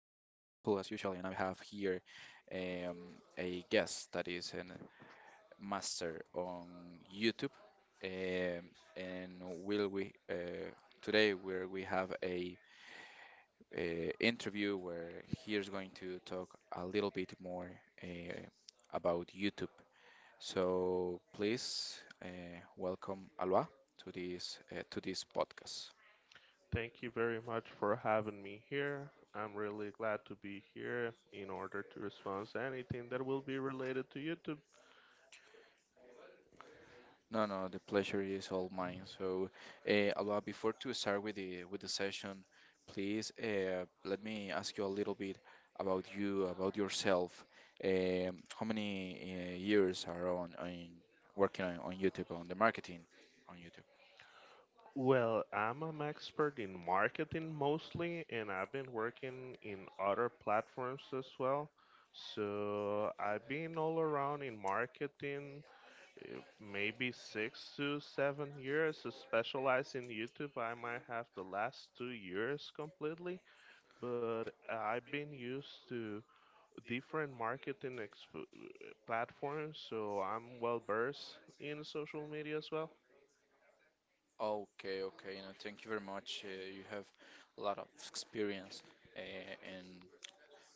as usual, and I have here um, a guest that is a master on YouTube. Um, and will we today where we have a interview where he's going to talk a little bit more uh, about YouTube. So please welcome Alua to this podcast. Thank you very much for having me here. I'm really glad to be here in order to respond to anything that will be related to YouTube. No, no, the pleasure is all mine. Uh, Alua, before to start with the session, please let me ask you a little bit about you, about yourself. How many years are on working on YouTube, on the marketing on YouTube? Well, I'm an expert in marketing mostly, and I've been working in other platforms as well. So I've been all around in marketing, maybe 6 to 7 years, so in YouTube. I might have the last 2 years completely, but I've been used to different platforms, so I'm well versed in social media as well. Okay, okay. No, thank you very much. You have a lot of experience uh, in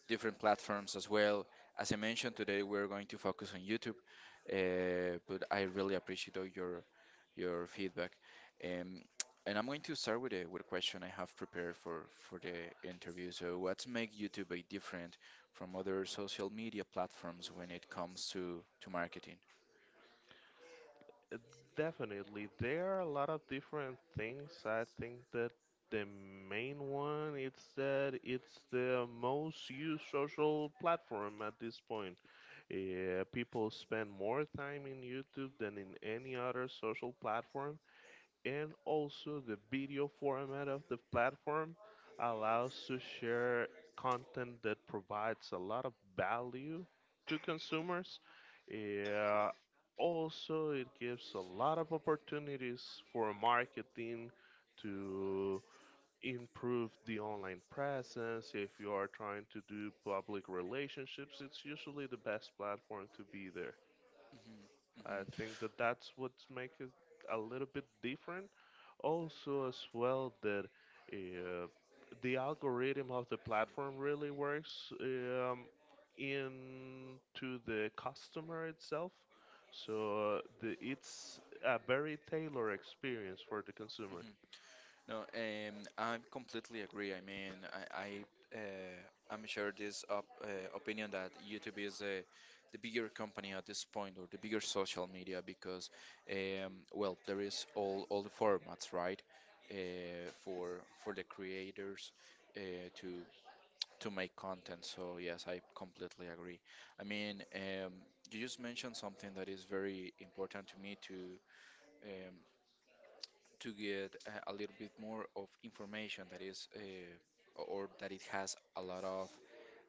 different platforms as well. As I mentioned today, we're going to focus on YouTube, but I really appreciate all your feedback. Um, and I'm going to start with a question I have prepared for the interview. So, what's make YouTube a different from other social media platforms when it comes to marketing? Uh, Definitely, there are a lot of different things. I think that the main one is that it's the most used social platform at this point. People spend more time in YouTube than in any other social platform, and also the video format of the platform allows to share content that provides a lot of value to consumers. Yeah, also it gives a lot of opportunities for marketing to improve the online presence. If you are trying to do public relationships, it's usually the best platform to be there. Mhm, I mhm, think that that's what makes it a little bit different. Also, as well, that uh, the algorithm of the platform really works into the customer itself. So it's a very tailored experience for the consumer. mhm. No, I completely agree. I mean, I'm sure this op opinion that YouTube is the bigger company at this point, or the bigger social media, because well, there is all the formats, right? Uh, for the creators uh, to to make content. So yes, I completely agree. I mean, you just mentioned something that is very important to me to. Um, to get a little bit more of information that is or that it has a lot of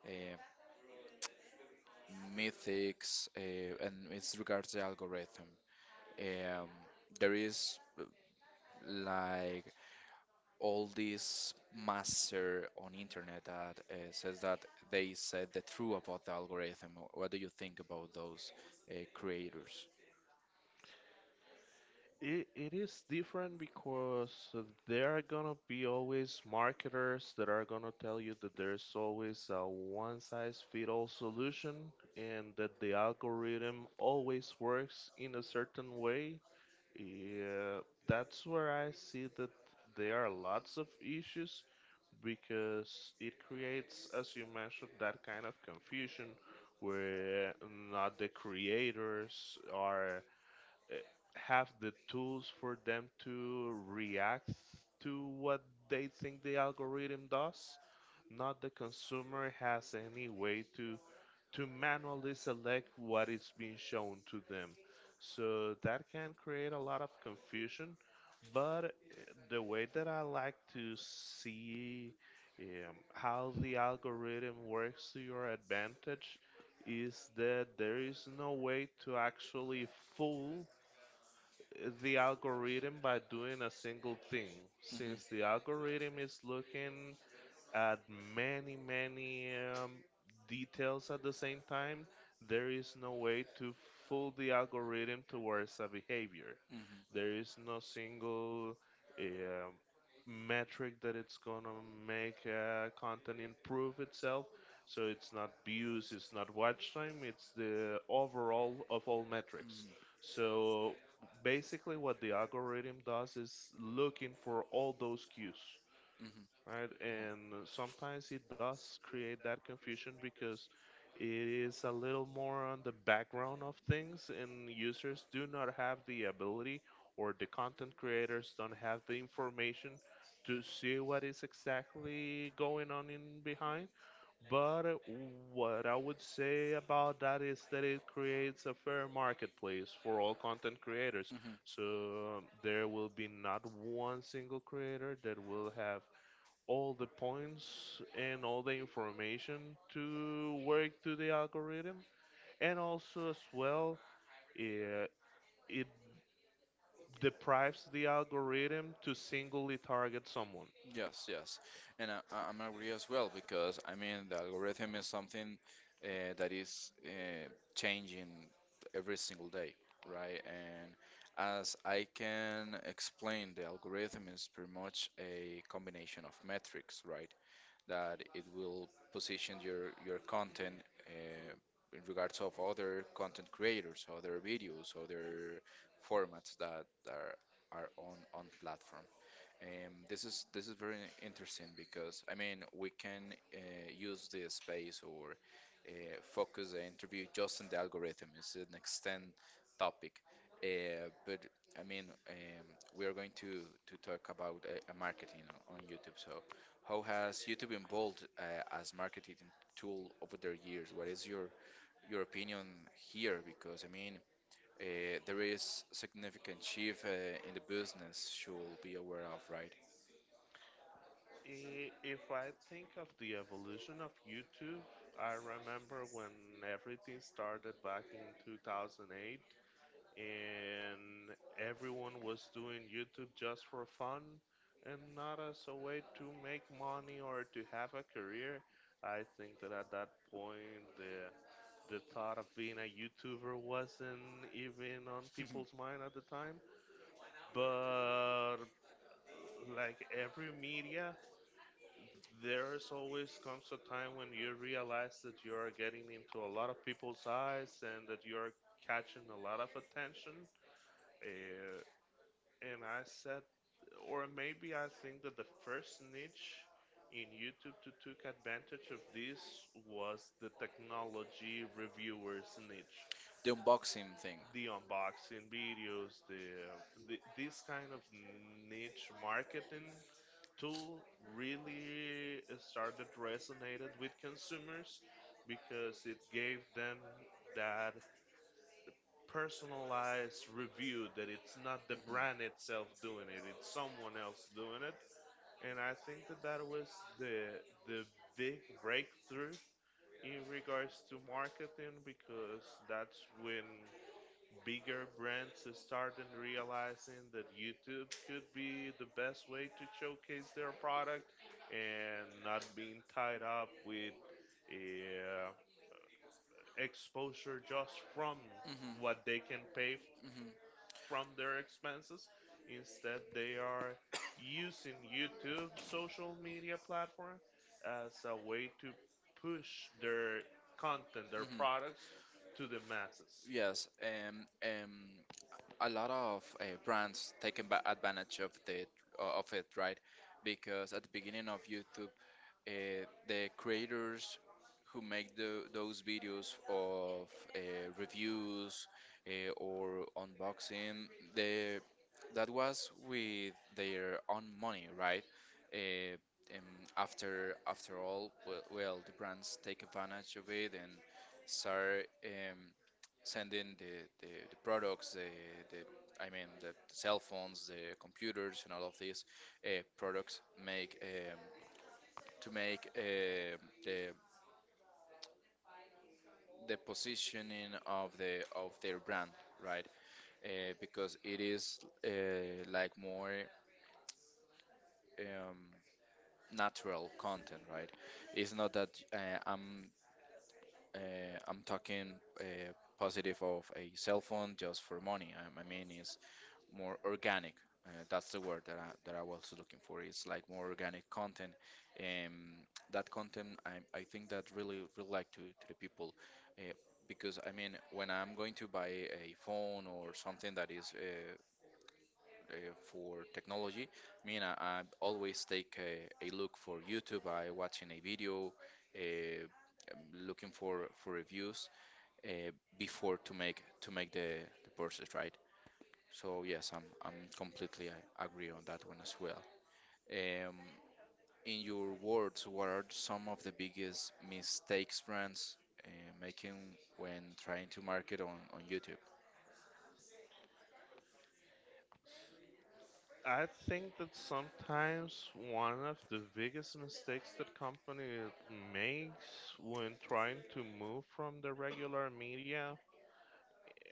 uh, mythics and it's regards the algorithm, um, there is like all this master on internet that says that they said the truth about the algorithm. What do you think about those creators? It is different because uh, there are gonna be always marketers that are gonna tell you that there's always a one size fit all solution and that the algorithm always works in a certain way. Yeah, that's where I see that there are lots of issues because it creates, as you mentioned, that kind of confusion where not the creators are eh, have the tools for them to react to what they think the algorithm does, not the consumer has any way to manually select what is being shown to them, so that can create a lot of confusion. But the way that I like to see how the algorithm works to your advantage is that there is no way to actually fool the algorithm by doing a single thing. Since the algorithm is looking add many, many um, details at the same time, there is no way to fool the algorithm towards a behavior. There is no single um metric that it's gonna make content improve itself. So it's not views, it's not watch time, it's the overall of all Mhm, metrics. mhm, So basically, what the algorithm does is looking for all those cues, mhm, right? And sometimes it does create that confusion because it is a little more on the background of things, and users do not have the ability, or the content creators don't have the information to see what is exactly going on in behind. But what I would say about that is that it creates a fair marketplace for all content creators. Mhm. So there will be not one single creator that will have all the points and all the information to work to the algorithm, and also as well it, it deprives the algorithm to singly target someone. Yes, yes, and I'm agree as well, because I mean the algorithm is something that is changing every single day, right? And as I can explain, the algorithm is pretty much a combination of metrics, right? That it will position your content uh, in regards of other content creators, other videos, other formats that are on platform. This is very interesting, because I mean we can use the space or uh, focus the interview just on the algorithm. It's an extend topic, but I mean um, we are going to talk about marketing on YouTube. So how has YouTube evolved as marketing tool over the years? What is your opinion here? Because I mean. There is significant shift in the business should be aware of, right? If I think of the evolution of YouTube, I remember when everything started back in 2008 and everyone was doing YouTube just for fun and not as a way to make money or to have a career. I think that at that point, the thought of The being a YouTuber wasn't even on people's mind at the time. But like every media, there's always comes a time when you realize that you are getting into a lot of people's eyes and that you are catching a lot of attention. Uh, and I said, or maybe I think that the first niche in YouTube to took advantage of this was the technology reviewers niche. unboxing thing. The unboxing videos, the this kind of niche marketing tool really started resonated with consumers because it gave them that personalized review that it's not the brand itself doing it, it's someone else doing it. And I think that that was the the big breakthrough in regards to marketing, because that's when bigger brands started realizing that YouTube could be the best way to showcase their product and not being tied up with uh, exposure just from Mhm. what they can pay Mhm. from their expenses. Instead, they are using YouTube social media platform as a way to push their content, their Mhm. products to the masses. Yes, a lot of brands taking advantage of the of it, right? Because at the beginning of YouTube, the creators who make those videos of reviews or unboxing, the that was with their own money, right? Uh, um, after all, the brands take advantage of it and start sending the products, the I mean the cell phones, the computers, and all of these products make. To make the positioning of the of their brand, right? Because it is like more um, natural content, right? It's not that I'm talking uh, positive of a cell phone just for money. I mean, it's more organic. That's the word that that I was looking for. It's like more organic content. Um, that content, I think that really like to the people, uh, because I mean, when I'm going to buy a phone or something that is uh, for technology, I mean, I always take a look for YouTube. I watching a video, uh, I'm looking for reviews uh, before to make the purchase, right? So yes, I'm completely I agree on that one as well. Um, in your words, what are some of the biggest mistakes brands uh, making when trying to market on YouTube? I think that sometimes one of the biggest mistakes that company makes when trying to move from the regular media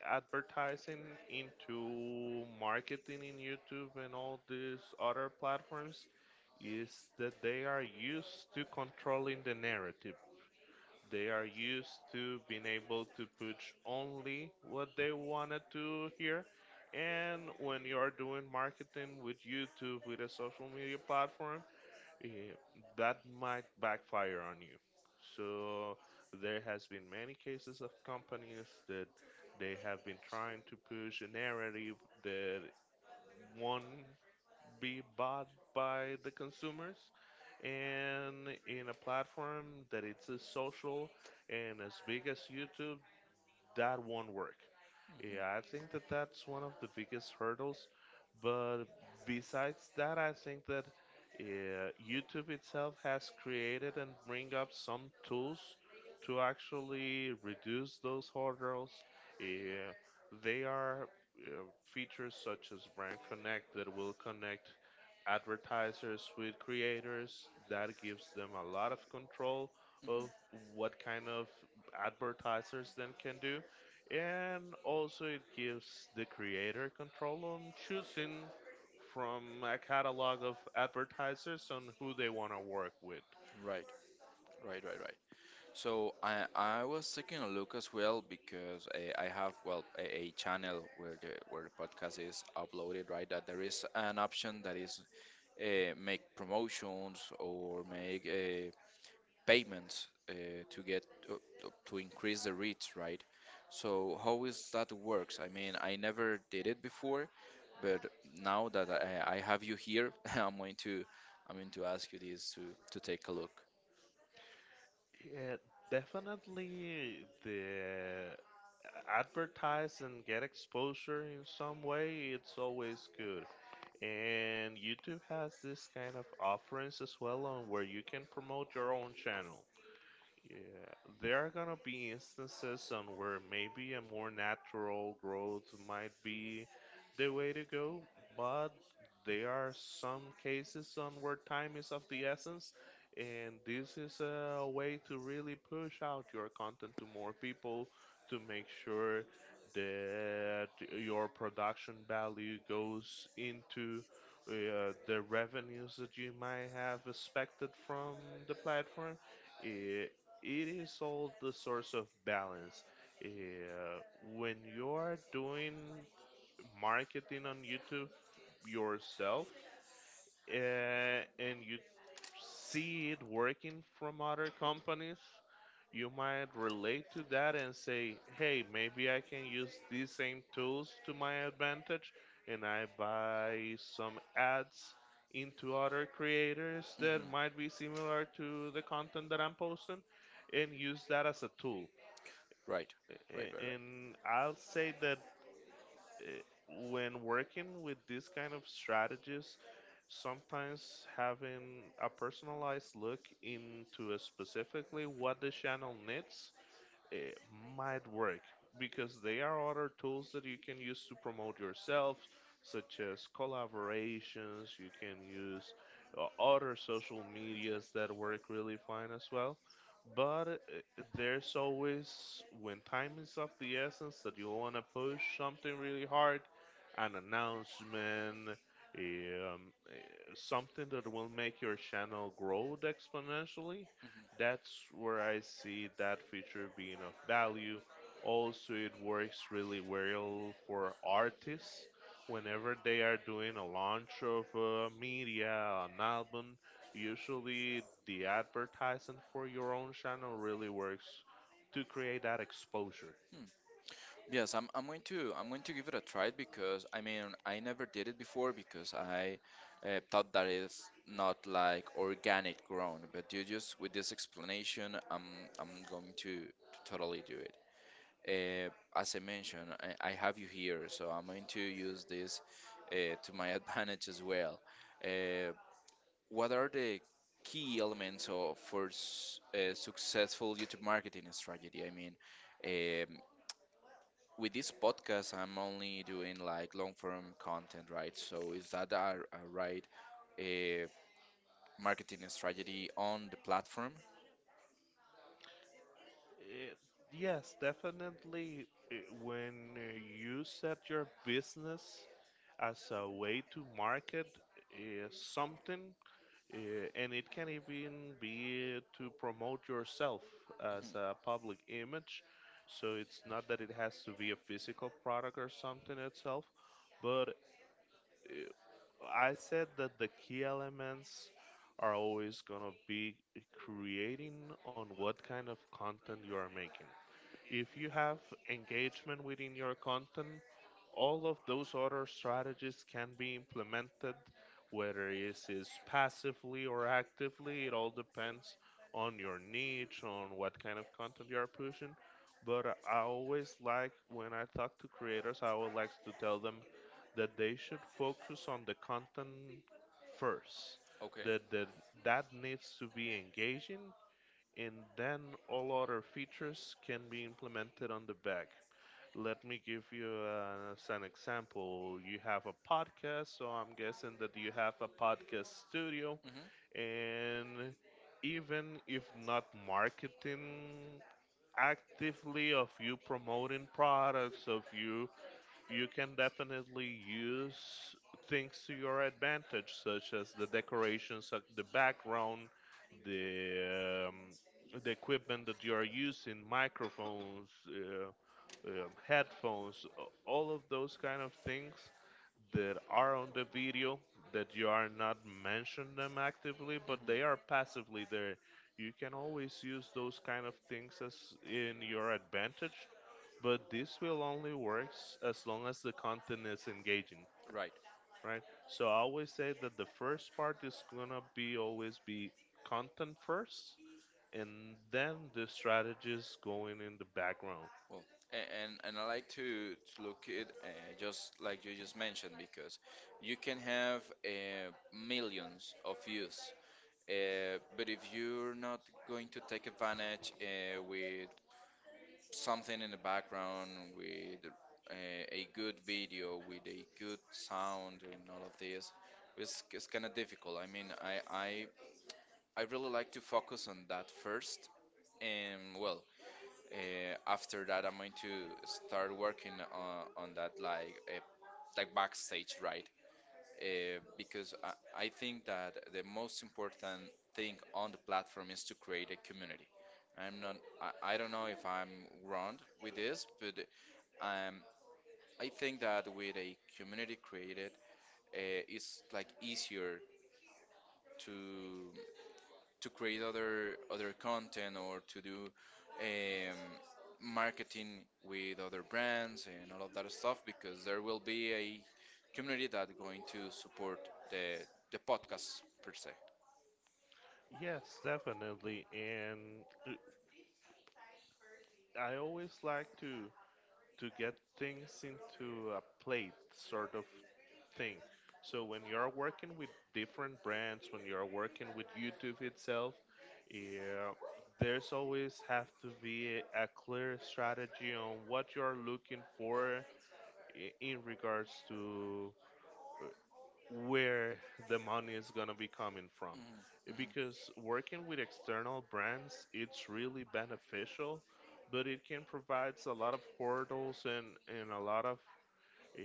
advertising into marketing in YouTube and all these other platforms is that they are used to controlling the narrative. They are used to being able to push only what they wanted to hear. And when you are doing marketing with YouTube, with a social media platform, eh, that might backfire on you. So there has been many cases of companies that they have been trying to push a narrative that won't be bought by the consumers, and in a platform that it's as social and as big as YouTube, that won't work. Yeah, I think Mhm. that that's one of the biggest hurdles. But besides that, I think that YouTube itself has created and bring up some tools to actually reduce those hurdles. Uh, they are uh, features such as Brand Connect that will connect advertisers with creators. That gives them a lot of control Mhm. of what kind of advertisers then can do, and also it gives the creator control on choosing from a catalog of advertisers on who they want to work with. Right, right, right, right. So I was taking a look as well, because I have well a channel where the podcast is uploaded, right, that there is an option that is make promotions or make payments to get uh, to increase the reach, right? So how is that works? I mean, I never did it before, but now that I have you here, I'm going to ask you this to take a look. Yeah, definitely the advertise and get exposure in some way, it's always good. And YouTube has this kind of offerings as well on where you can promote your own channel. Yeah, there are gonna be instances on where maybe a more natural growth might be the way to go, but there are some cases on where time is of the essence, and this is a way to really push out your content to more people to make sure that your production value goes into the revenues that you might have expected from the platform. Eh, it is all the source of balance. Uh, when you are doing marketing on YouTube yourself, uh, and you see it working from other companies, you might relate to that and say, hey, maybe I can use these same tools to my advantage and I buy some ads into other creators that Mhm. might be similar to the content that I'm posting, and use that as a tool. Right, right, A- right, right. And I'll say that eh, when working with these kind of strategies, sometimes having a personalized look into specifically what the channel needs, it might work because there are other tools that you can use to promote yourself, such as collaborations. You can use other social medias that work really fine as well. But there's always, when time is of the essence, that you want to push something really hard, an announcement, um, something that will make your channel grow exponentially, that's where I see that feature being of value. Also, it works really well for artists whenever they are doing a launch of media, an album. Usually, the advertising for your own channel really works to create that exposure. Mhm. Yes, I'm going to give it a try, because I mean I never did it before, because I thought that it's not like organic grown, but you just with this explanation, I'm going to totally do it. As I mentioned, I have you here, so I'm going to use this to my advantage as well. Uh, what are the key elements of, for successful YouTube marketing strategy? I mean, um, with this podcast, I'm only doing like long form content, right? So is that a right a marketing strategy on the platform? Uh, yes, definitely. uh, When you set your business as a way to market something, uh, and it can even be to promote yourself as a public image. So it's not that it has to be a physical product or something itself, but uh, I said that the key elements are always gonna be creating on what kind of content you are making. If you have engagement within your content, all of those other strategies can be implemented, whether it is passively or actively. It all depends on your niche, on what kind of content you are pushing. But I always like when I talk to creators, I would like to tell them that they should focus on the content first. Mhm. Okay. That, that Mhm. that needs to be engaging, and then all other features can be implemented on the back. Let me give you as an example. You have a podcast, so I'm guessing that you have a podcast studio, Mhm. and even if not marketing actively of you promoting products of you can definitely use things to your advantage, such as the decorations, the background, the um, the equipment that you are using, microphones, headphones, all of those kind of things that are on the video that you are not mentioning them actively, but they are passively there. You can always use those kind of things as in your advantage, but this will only works as long as the content is engaging, Right. right? So I always say that the first part is gonna be always be content first, and then the strategies going in the background. Well, a- and I like to look it just like you just mentioned, because you can have millions of views, but if you're not going to take advantage with something in the background, with a good video, with a good sound, and all of this, it's kind of difficult. I mean, I really like to focus on that first, and well, after that, I'm going to start working on that like backstage, right? Because I think that the most important thing on the platform is to create a community. I'm not. I don't know if I'm wrong with this, but um, I think that with a community created, it's like easier to create other content or to do um, marketing with other brands and all of that stuff, because there will be a community that going to support the podcast per se. Yes, definitely, and I always like to. To get things into a plate sort of thing. So when you are working with different brands, when you are working with YouTube itself, yeah, there's always have to be a clear strategy on what you are looking for in regards to where the money is going to be coming from. Mhm, Because working with external brands it's really beneficial, but it can provide a lot of hurdles and a lot of uh,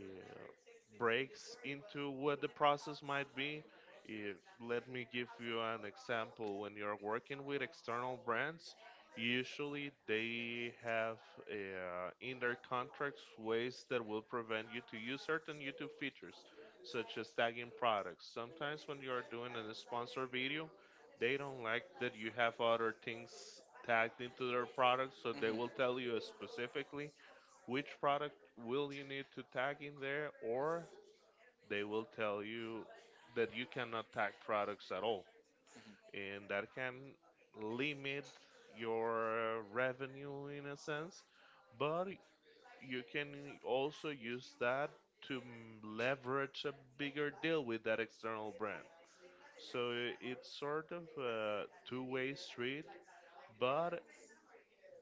breaks into what the process might be. Uh, Let me give you an example. When you're working with external brands, usually they have in their contracts ways that will prevent you to use certain YouTube features, such as tagging products. Sometimes when you are doing a sponsor video, they don't like that you have other things tagged into their products, so mhm. they Mhm, will tell you specifically which product will you need to tag in there, or they will tell you that you cannot tag products at all. And that can limit your revenue in a sense, but you can also use that to leverage a bigger deal with that external brand. So it's sort of a two-way street, but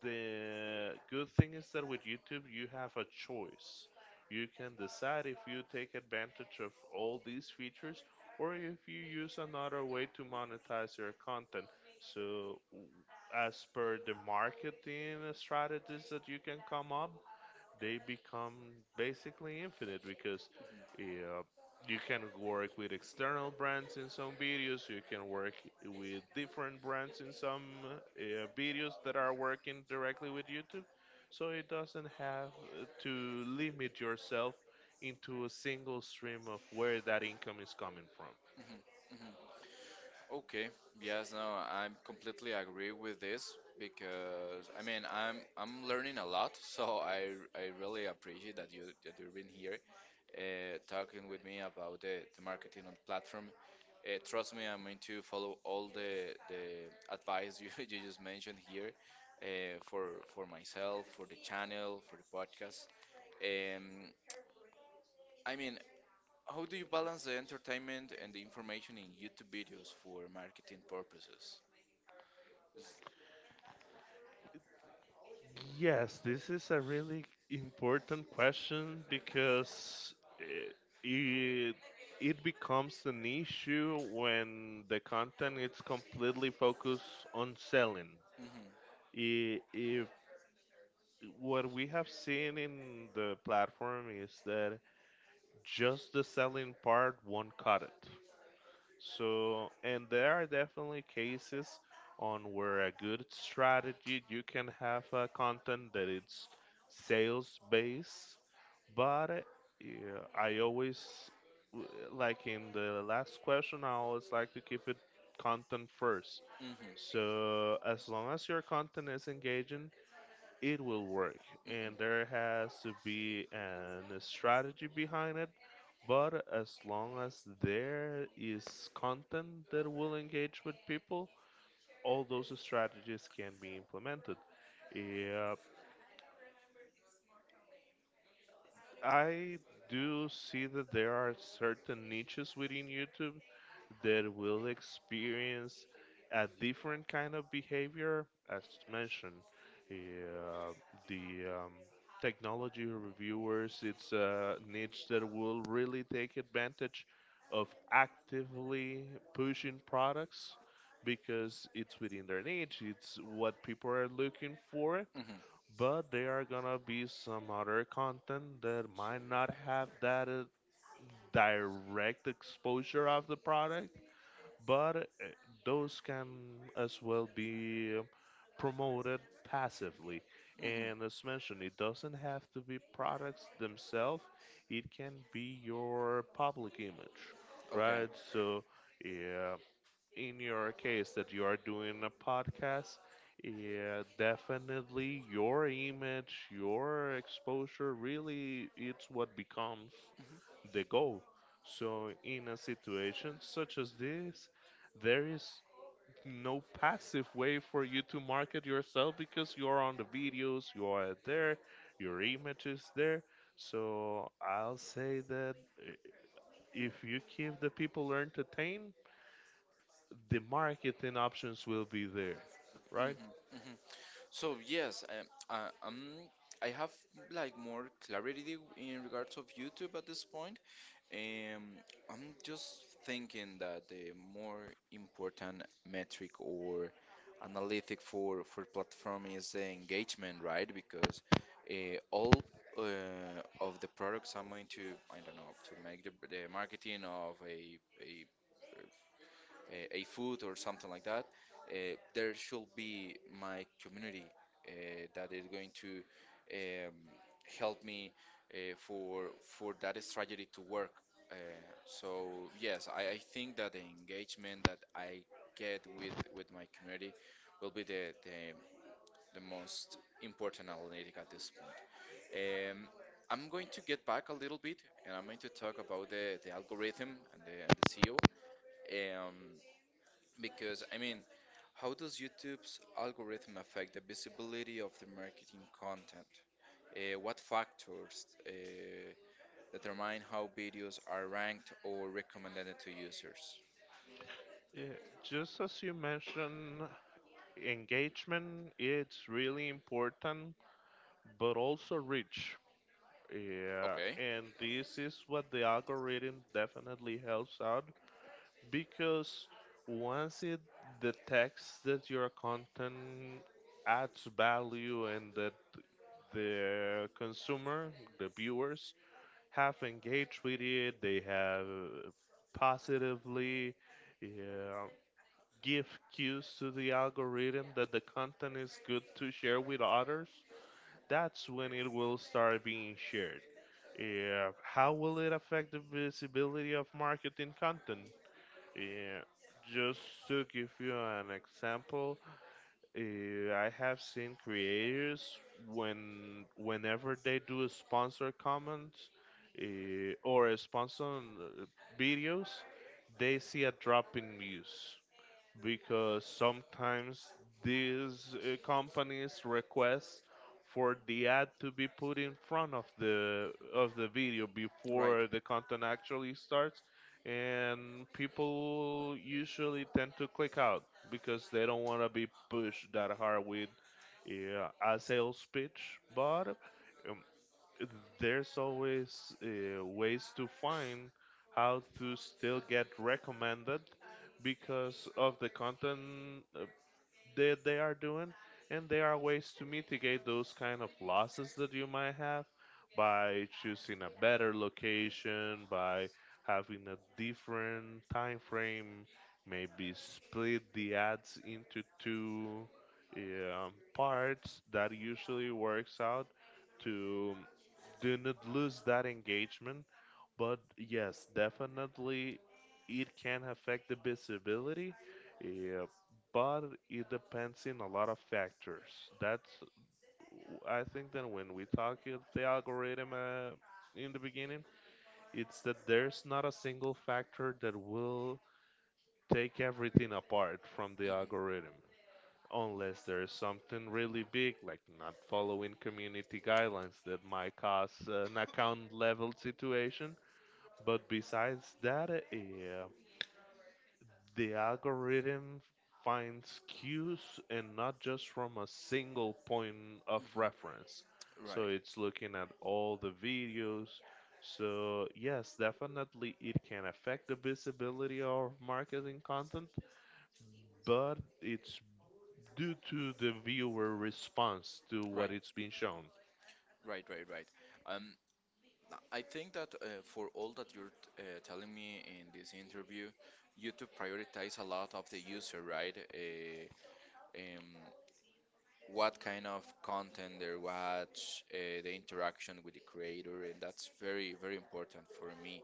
the good thing is that with YouTube, you have a choice. You can decide if you take advantage of all these features or if you use another way to monetize your content. So, as per the marketing strategies that you can come up, they become basically infinite because yeah, you can work with external brands in some videos, you can work with different brands in some videos that are working directly with YouTube. So it doesn't have to limit yourself into a single stream of where that income is coming from. mhm, mhm, mhm. Okay. Yes, no, I'm completely agree with this, because I mean I'm learning a lot, so I really appreciate that you that you've been here talking with me about the marketing on platform. Trust me, I'm going to follow all the advice you, you just mentioned here uh, for for myself, for the channel, for the podcast. Um, I mean, how do you balance the entertainment and the information in YouTube videos for marketing purposes? Yes, this is a really important question because it, it, it becomes an issue when the content is completely focused on selling. Mhm. If what we have seen in the platform is that just the selling part won't cut it. So, and there are definitely cases on where a good strategy you can have a content that it's sales based, but yeah, I always like in the last question, I always like to keep it content first. Mhm. Mhm. So, as long as your content is engaging, it will work, and there has to be an a strategy behind it, but as long as there is content that will engage with people, all those strategies can be implemented. Yeah, I do see that there are certain niches within YouTube that will experience a different kind of behavior, as mentioned. Uh, the Technology reviewers, it's a niche that will really take advantage of actively pushing products because it's within their niche, it's what people are looking for, Mhm. but there are gonna be some other content that might not have that direct exposure of the product, but those can as well be promoted passively, Mhm. and as mentioned, it doesn't have to be products themselves, it can be your public image, But okay. right? So yeah, in your case that you are doing a podcast, yeah, definitely your image, your exposure really it's what becomes the goal. So in a situation such as this, there is no passive way for you to market yourself because you are on the videos, you are there, your image is there. So I'll say that if you keep the people entertained, the marketing options will be there, right? Mhm, mhm. So yes, I have like more clarity in regards of YouTube at this point. Um, I'm just thinking that the more important metric or analytic for platform is the engagement, right? Because all of the products I'm going to, I don't know, to make the marketing of a a food or something like that, there should be my community that is going to um, help me for that strategy to work. Uh, so yes, I think that the engagement that I get with my community will be the most important analytic at this point. I'm going to get back a little bit, and I'm going to talk about the algorithm and the CEO. Um, because, I mean, how does YouTube's algorithm affect the visibility of the marketing content? What factors determine how videos are ranked or recommended to users? Yeah, just as you mentioned, engagement it's really important, but also reach. Yeah, Okay. and this is what the algorithm definitely helps out because once it detects that your content adds value and that the consumer, the viewers, have engaged with it, they have positively, yeah, give cues to the algorithm that the content is good to share with others, that's when it will start being shared. Yeah, how will it affect the visibility of marketing content? Yeah, just to give you an example, I have seen creators when whenever they do a sponsor comments or a sponsor videos, they see a drop in views because sometimes these companies request for the ad to be put in front of the video Right. before the content actually starts, and people usually tend to click out because they don't want to be pushed that hard with uh, a sales pitch, but um, there's always ways to find how to still get recommended because of the content that they are doing, and there are ways to mitigate those kind of losses that you might have by choosing a better location, by having a different time frame, maybe split the ads into two parts that usually works out to do not lose that engagement. But yes, definitely it can affect the visibility. Yeah, but it depends in a lot of factors. That's, I think that when we talk of the algorithm in the beginning, it's that there's not a single factor that will take everything apart from the Mhm, algorithm, unless there's something really big, like not following community guidelines that might cause an account level situation. But besides that, the algorithm finds cues and not just from a single point of mhm. Right. reference. So it's looking at all the videos. So, yes, definitely it can affect the visibility of marketing content, but it's due to the viewer response to what Right. it's being shown. Right, right, right. Um, I think that for all that you're telling me in this interview, you to prioritize a lot of the user, right? Um, what kind of content they watch, the interaction with the creator, and that's very, very important for me.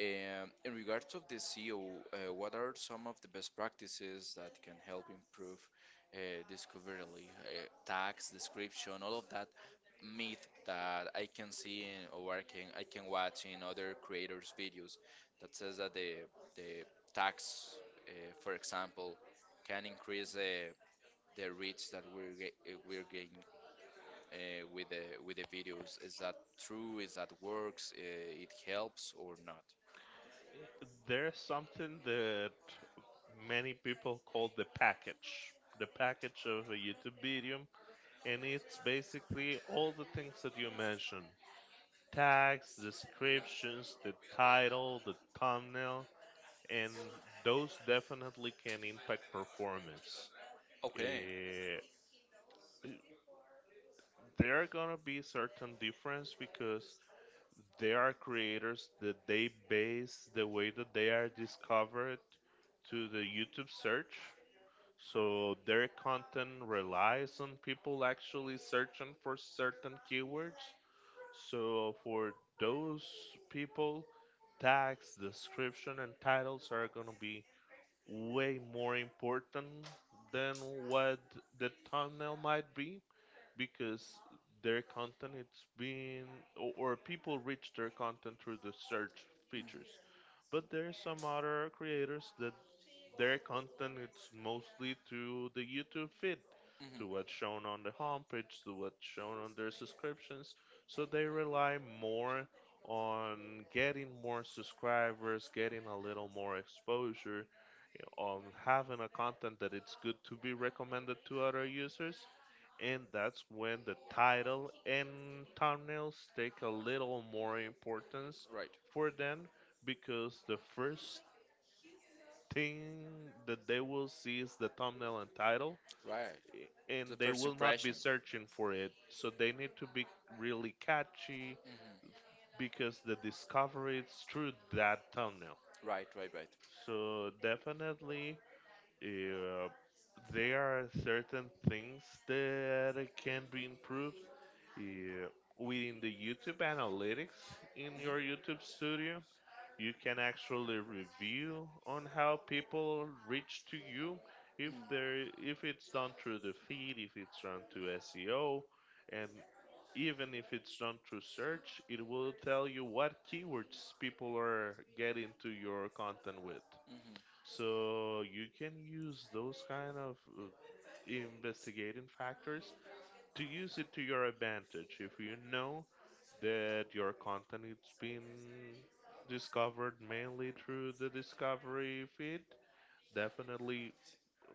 In regards of the SEO, what are some of the best practices that can help improve uh, discoverability, tags, description, all of that myth that I can see in, or I can watch in other creators' videos that says that the the tags, for example, can increase the reach that we're we're getting uh, with the with the videos. Is that true? Is that works? It helps or not? There's something that many people call the package of a YouTube video, and it's basically all the things that you mentioned: tags, descriptions, the title, the thumbnail, and those definitely can impact performance. Okay. Eh, there are gonna be certain difference because there are creators that they base the way that they are discovered to the YouTube search. So their content relies on people actually searching for certain keywords. So for those people, tags, description, and titles are going to be way more important than what the thumbnail might be because their content it's been or people reach their content through the search features, but there's some other creators that their content it's mostly to the YouTube feed, to what's Mm-hmm. shown on the homepage, to what's shown on their subscriptions, so they rely more on getting more subscribers, getting a little more exposure, on having a content that it's good to be recommended to other users, and that's when the title and thumbnails take a little more importance Right. for them because the first thing that they will see is the thumbnail and title, Right. And they will and not be searching for it, so they need to be really catchy Mm-hmm. because the discovery is through that thumbnail. Right, right, right. So definitely uh, there are certain things that can be improved. Yeah. Within the YouTube analytics, in your YouTube studio, you can actually review on how people reach to you, if Mm. they're if it's done through the feed, if it's done through SEO, and even if it's done through search, it will tell you what keywords people are getting to your content with. Mm-hmm. if So you can use those kind of investigating factors to use it to your advantage. If you know that your content is being discovered mainly through the discovery feed, definitely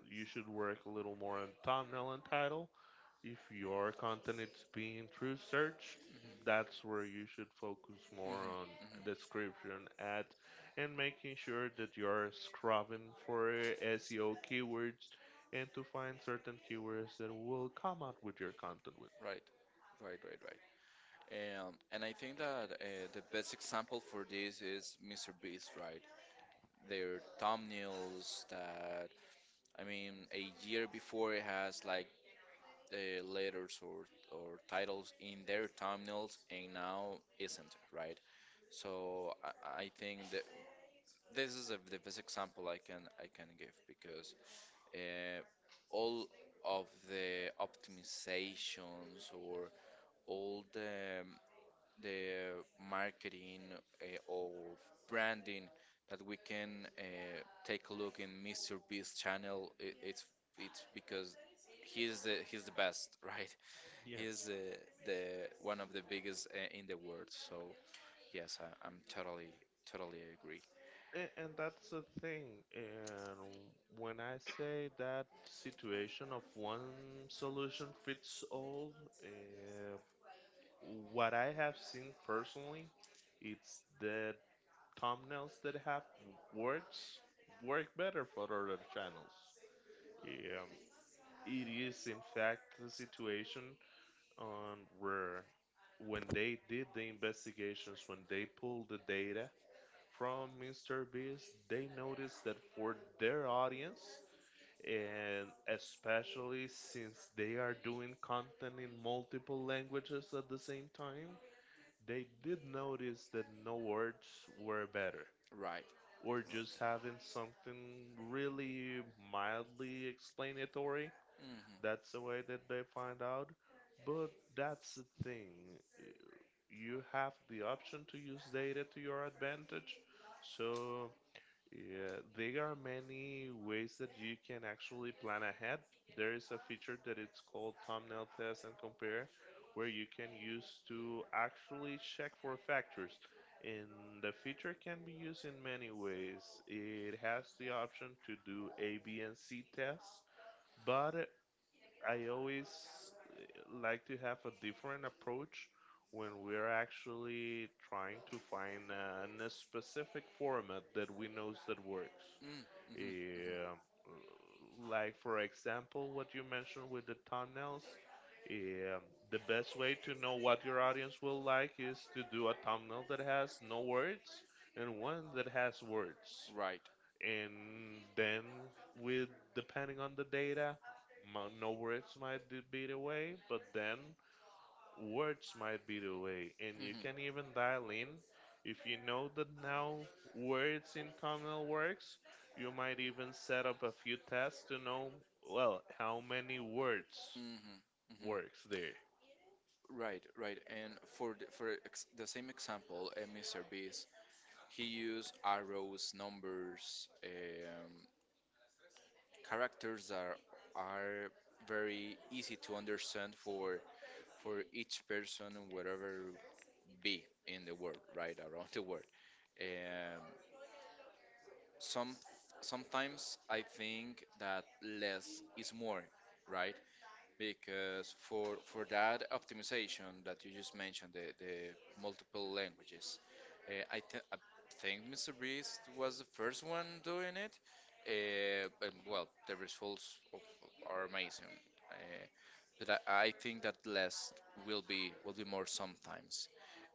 you should work a little more on thumbnail and title. If you your content is being through search, Mhm. that's where you should focus Hmm, more on hmm. description ads and making sure that you're scrubbing for SEO keywords and to find certain keywords that will come out with your content with. Right, right, right, right. And I think that the best example for this is Mr. Beast, right? Their thumbnails I mean, a year before it has like letters or titles in their thumbnails and now isn't, right? So I think that this is the best example I can give because uh, all of the optimizations or all the marketing or branding that we can uh, take a look in Mr. Beast channel. It's because he's the best, right? Yeah. He's the one of the biggest in the world. So yes, I'm totally agree. And that's the thing. And when I say that situation of one solution fits all, uh, what I have seen personally, it's the thumbnails that have words work better for other channels. Yeah, it is in fact the situation on where when they did the investigations, when they pulled the data from Mr. Beast, they noticed that for their audience, and especially since they are doing content in multiple languages at the same time, they did notice that no words were better. Right. Right. Or just having something really mildly explanatory. That's the way that they find out. But that's the thing. You have the option to use data to your advantage. So yeah, there are many ways that you can actually plan ahead. There is a feature that it's called thumbnail test and compare, where you can use to actually check for factors. And the feature can be used in many ways. It has the option to do A, B, and C tests, but I always eh, like to have a different approach when we're actually trying to find a specific format that we knows that works. hmm hmm Um, hmm like for example, what you mentioned with the thumbnails. Um, the best way to know what your audience will like is to do a thumbnail that has no words and one that has words, Right. and then with depending on the data, no words might be the way, but then words might be the way. And you Mhm. can even dial in, if you know that now words in thumbnail works, you might even set up a few tests to know well how many words hmm hmm works there. Right, right. And for for ex the same example, Mr. Beast, he used arrows, numbers, characters that are very easy to understand for each person, whatever be in the world, right, around the world. Um, some sometimes I think that less is more, right? Because for that optimization that you just mentioned, the multiple languages, I think Mr. Beast was the first one doing it. And well, the results o- are amazing. Uh, but I think that less will be more sometimes.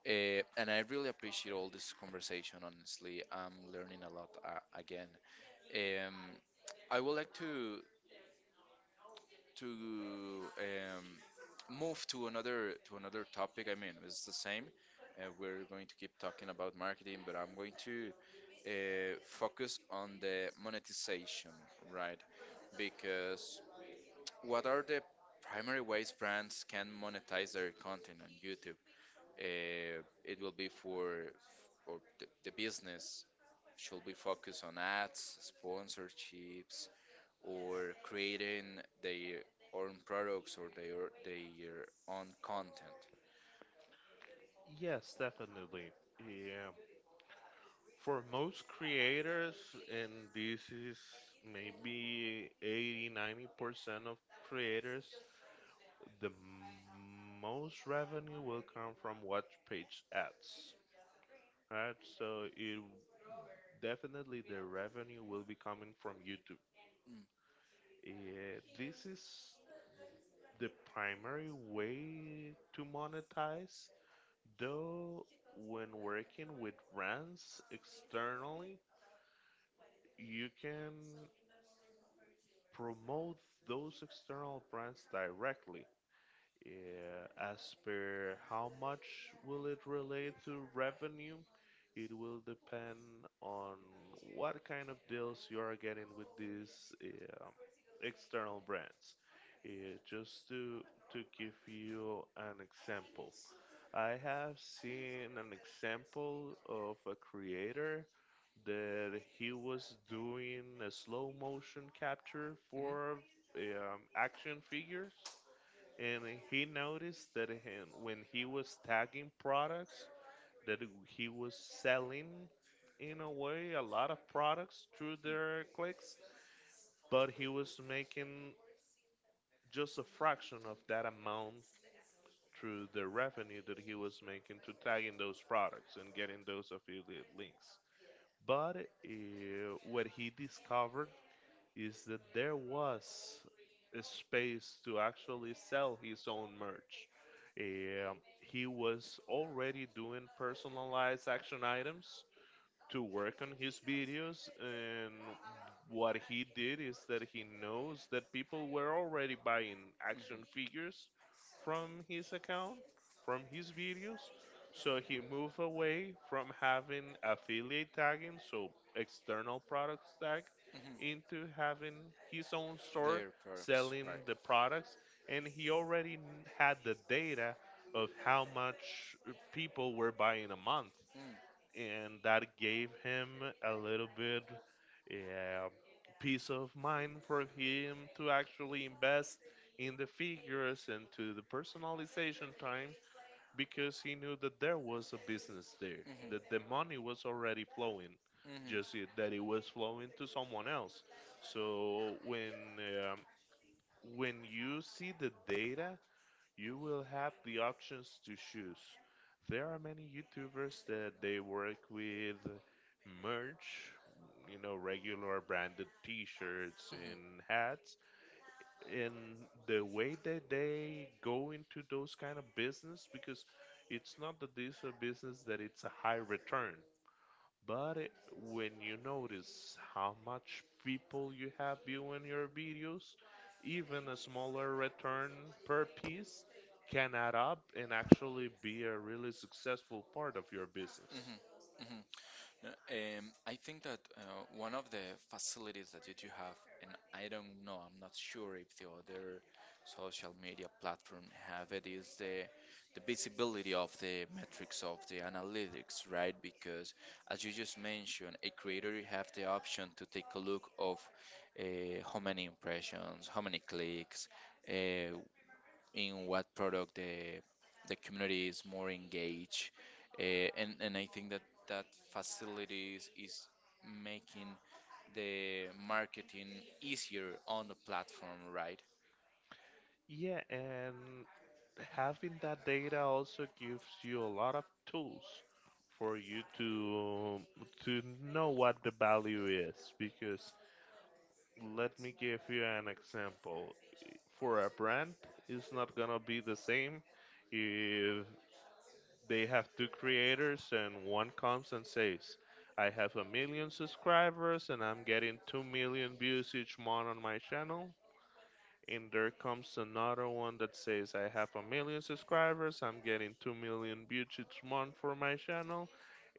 And I really appreciate all this conversation. Honestly, I'm learning a lot again. Um, I would like to um, move to another topic. I mean, it's the same. We're going to keep talking about marketing, but I'm going to focus on the monetization, right? Because what are the primary ways brands can monetize their content on YouTube? It will be for or the business should be focused on ads, sponsorships, or creating their own products or their own content. Yes, definitely, yeah. For most creators, and this is maybe 80 90% of creators, the most revenue will come from watch page ads, right? So it definitely, the revenue will be coming from YouTube. Mm. Yeah, this is the primary way to monetize, though when working with brands externally, you can promote those external brands directly. Yeah, as per how much will it relate to revenue, it will depend on what kind of deals you are getting with these um external brands. Just to give you an example, I have seen an example of a creator that he was doing a slow motion capture for action figures, and he noticed that when he was tagging products, that he was selling in a way a lot of products through their clicks, but he was making just a fraction of that amount through the revenue that he was making to tagging those products and getting those affiliate links. But what he discovered is that there was a space to actually sell his own merch. He was already doing personalized action items to work on his videos, and what he did is that he knows that people were already buying action figures from his account, from his videos, so he moved away from having affiliate tagging, so external products tag, Mhm. Mhm. into having his own Mhm. store, Their products, selling right. the Mm. products. And he already had the data of how much people were buying a month, and that gave him a little bit uh, peace of mind for him to actually invest in the figures and to the personalization time, because he knew that there was a business there, that the money was already flowing, Mhm. just that it Mhm. was flowing to someone else. So um, when you see the data, you will have the options to choose. There are many YouTubers that they work with merch, you know, regular branded t-shirts Mhm. and hats. And the way that they go into those kind of business, because it's not that this is a business that it's a high return. But when you notice how much people you have viewing your videos, even a smaller return per piece can add up and actually be a really successful part of your business. Mhm, mhm. No. I think that one of the facilities that you do have, and I don't know, I'm not sure if the other social media platform have it, is the visibility of the metrics of the analytics, right? Because as you just mentioned, a creator have the option to take a look of how many impressions, how many clicks, uh, in what product the community is more engaged, uh, and I think that that facilities is making the marketing easier on the platform, right? Yeah, and having that data also gives you a lot of tools for you to know what the value is, because let me give you an example. For a brand, is not gonna be the same if they have two creators, and one comes and says, I have a million subscribers and I'm getting 2 million views each month on my channel, and there comes another one that says, I have a million subscribers, I'm getting 2 million views each month for my channel,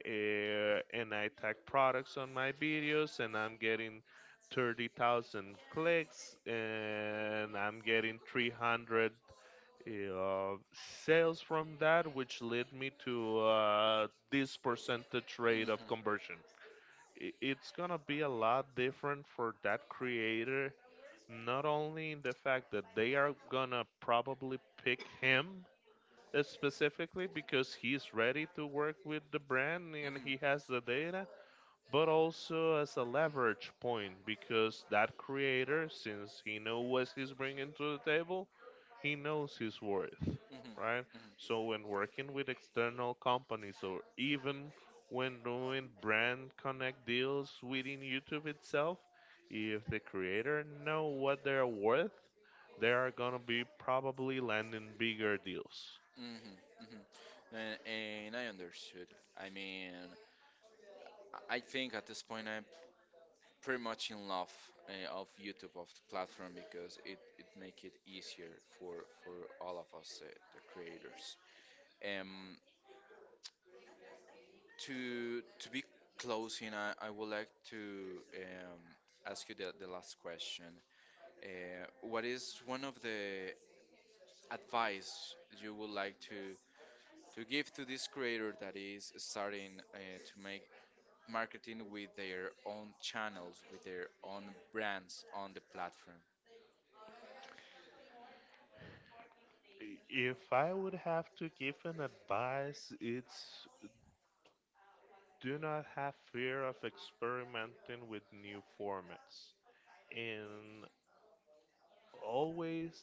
uh, and I tag products on my videos, and I'm getting 30,000 clicks and I'm getting 300 uh, sales from that, which led me to this percentage rate of Mhm, conversion. It's gonna be a lot different for that creator, not only in the fact that they are gonna probably pick him, specifically because he's ready to work with the brand and mhm, he has the data, but also as a leverage point, because that creator, since he knows what he's bringing to the table, he knows his worth, mhm, right? mhm. So when working with external companies, or even when doing brand connect deals within YouTube itself, if the creator know what they're worth, they are gonna be probably landing bigger deals. Mhm, mhm. And I understood. I mean, I think at this point I pretty much in love of YouTube of the platform because it make it easier for all of us the creators. Um, to be closing, I would like to ask you the last question. What is one of the advice you would like to give to this creator that is starting to make marketing with their own channels, with their own brands on the platform? If I would have to give an advice, it's, do not have fear of experimenting with new formats, and always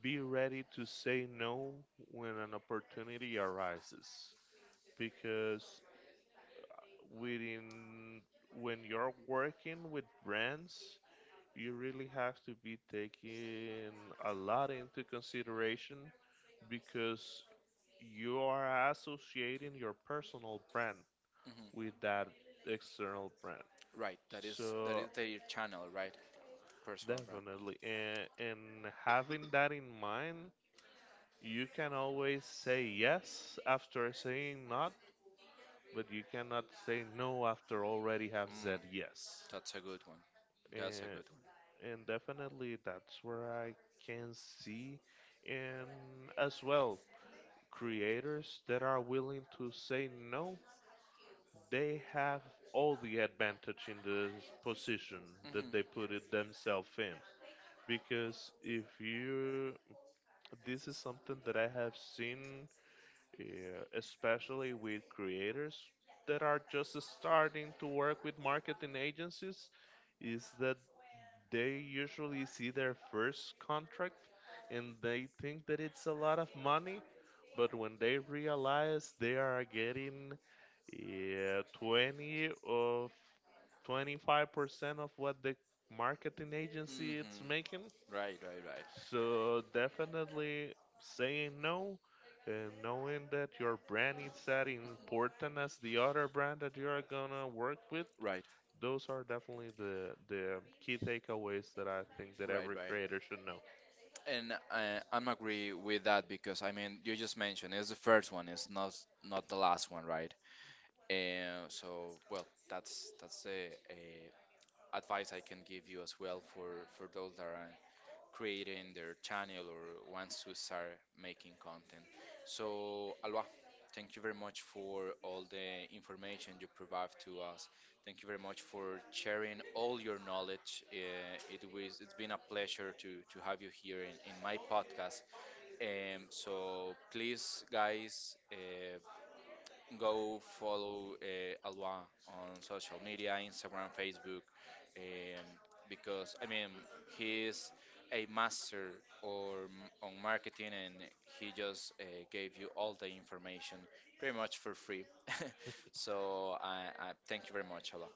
be ready to say no when an opportunity arises, because within when you're working with brands, you really have to be taking a lot into consideration, because you are associating your personal brand with Mhm. that external brand. Right, that So is their channel, right? Personal brand. definitely, and having that in mind, you can always say yes after saying no, but you cannot say no after already have said Mm, yes. that's a good one. That's a And good one. and definitely, that's where I can see, and as well, creators that are willing to say no, they have all the advantage in this position that Hmm they put it themselves in. Because if you, this is something that I have seen, yeah, especially with creators that are just starting to work with marketing agencies, is that they usually see their first contract and they think that it's a lot of money, but when they realize they are getting, yeah, 20 of 25% of what the marketing hmm agency is making, Right, right, right, so definitely, saying no, and knowing that your brand is that important as the other brand that you are gonna work with, right, those are definitely the key takeaways that I think that right, every right. creator should know. And I'm agree with that because I mean you just mentioned it's the first one, it's not not the last one, right? And so well, that's the advice I can give you as well for those that are creating their channel or wants to start making content. So, Alba, thank you very much for all the information you provide to us. Thank you very much for sharing all your knowledge. It's been a pleasure to have you here in my podcast. So please, guys, go follow Alwa on social media, Instagram, Facebook, um, because I mean he's a master or m- on marketing, and he just gave you all the information pretty much for free. So I thank you very much, Alwa.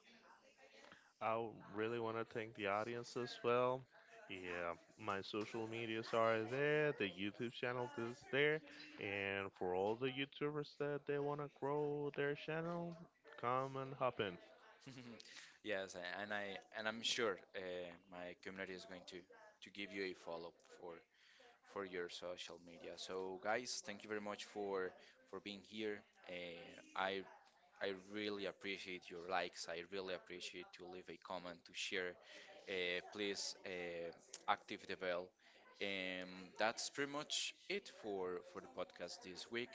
I really want to thank the audience as well. Yeah, my social medias are there, the YouTube channel is there, and for all the YouTubers that they want to grow their channel, come and hop in. Yes, a- and I and I'm sure my community is going to give you a follow up for for your social media. So guys, thank you very much for being here. Uh, I I really appreciate your likes. I really appreciate to leave a comment to share. Please active the bell. And that's pretty much it for the podcast this week.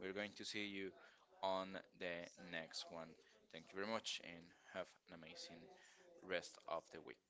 We're going to see you on the next one. Thank you very much and have an amazing rest of the week.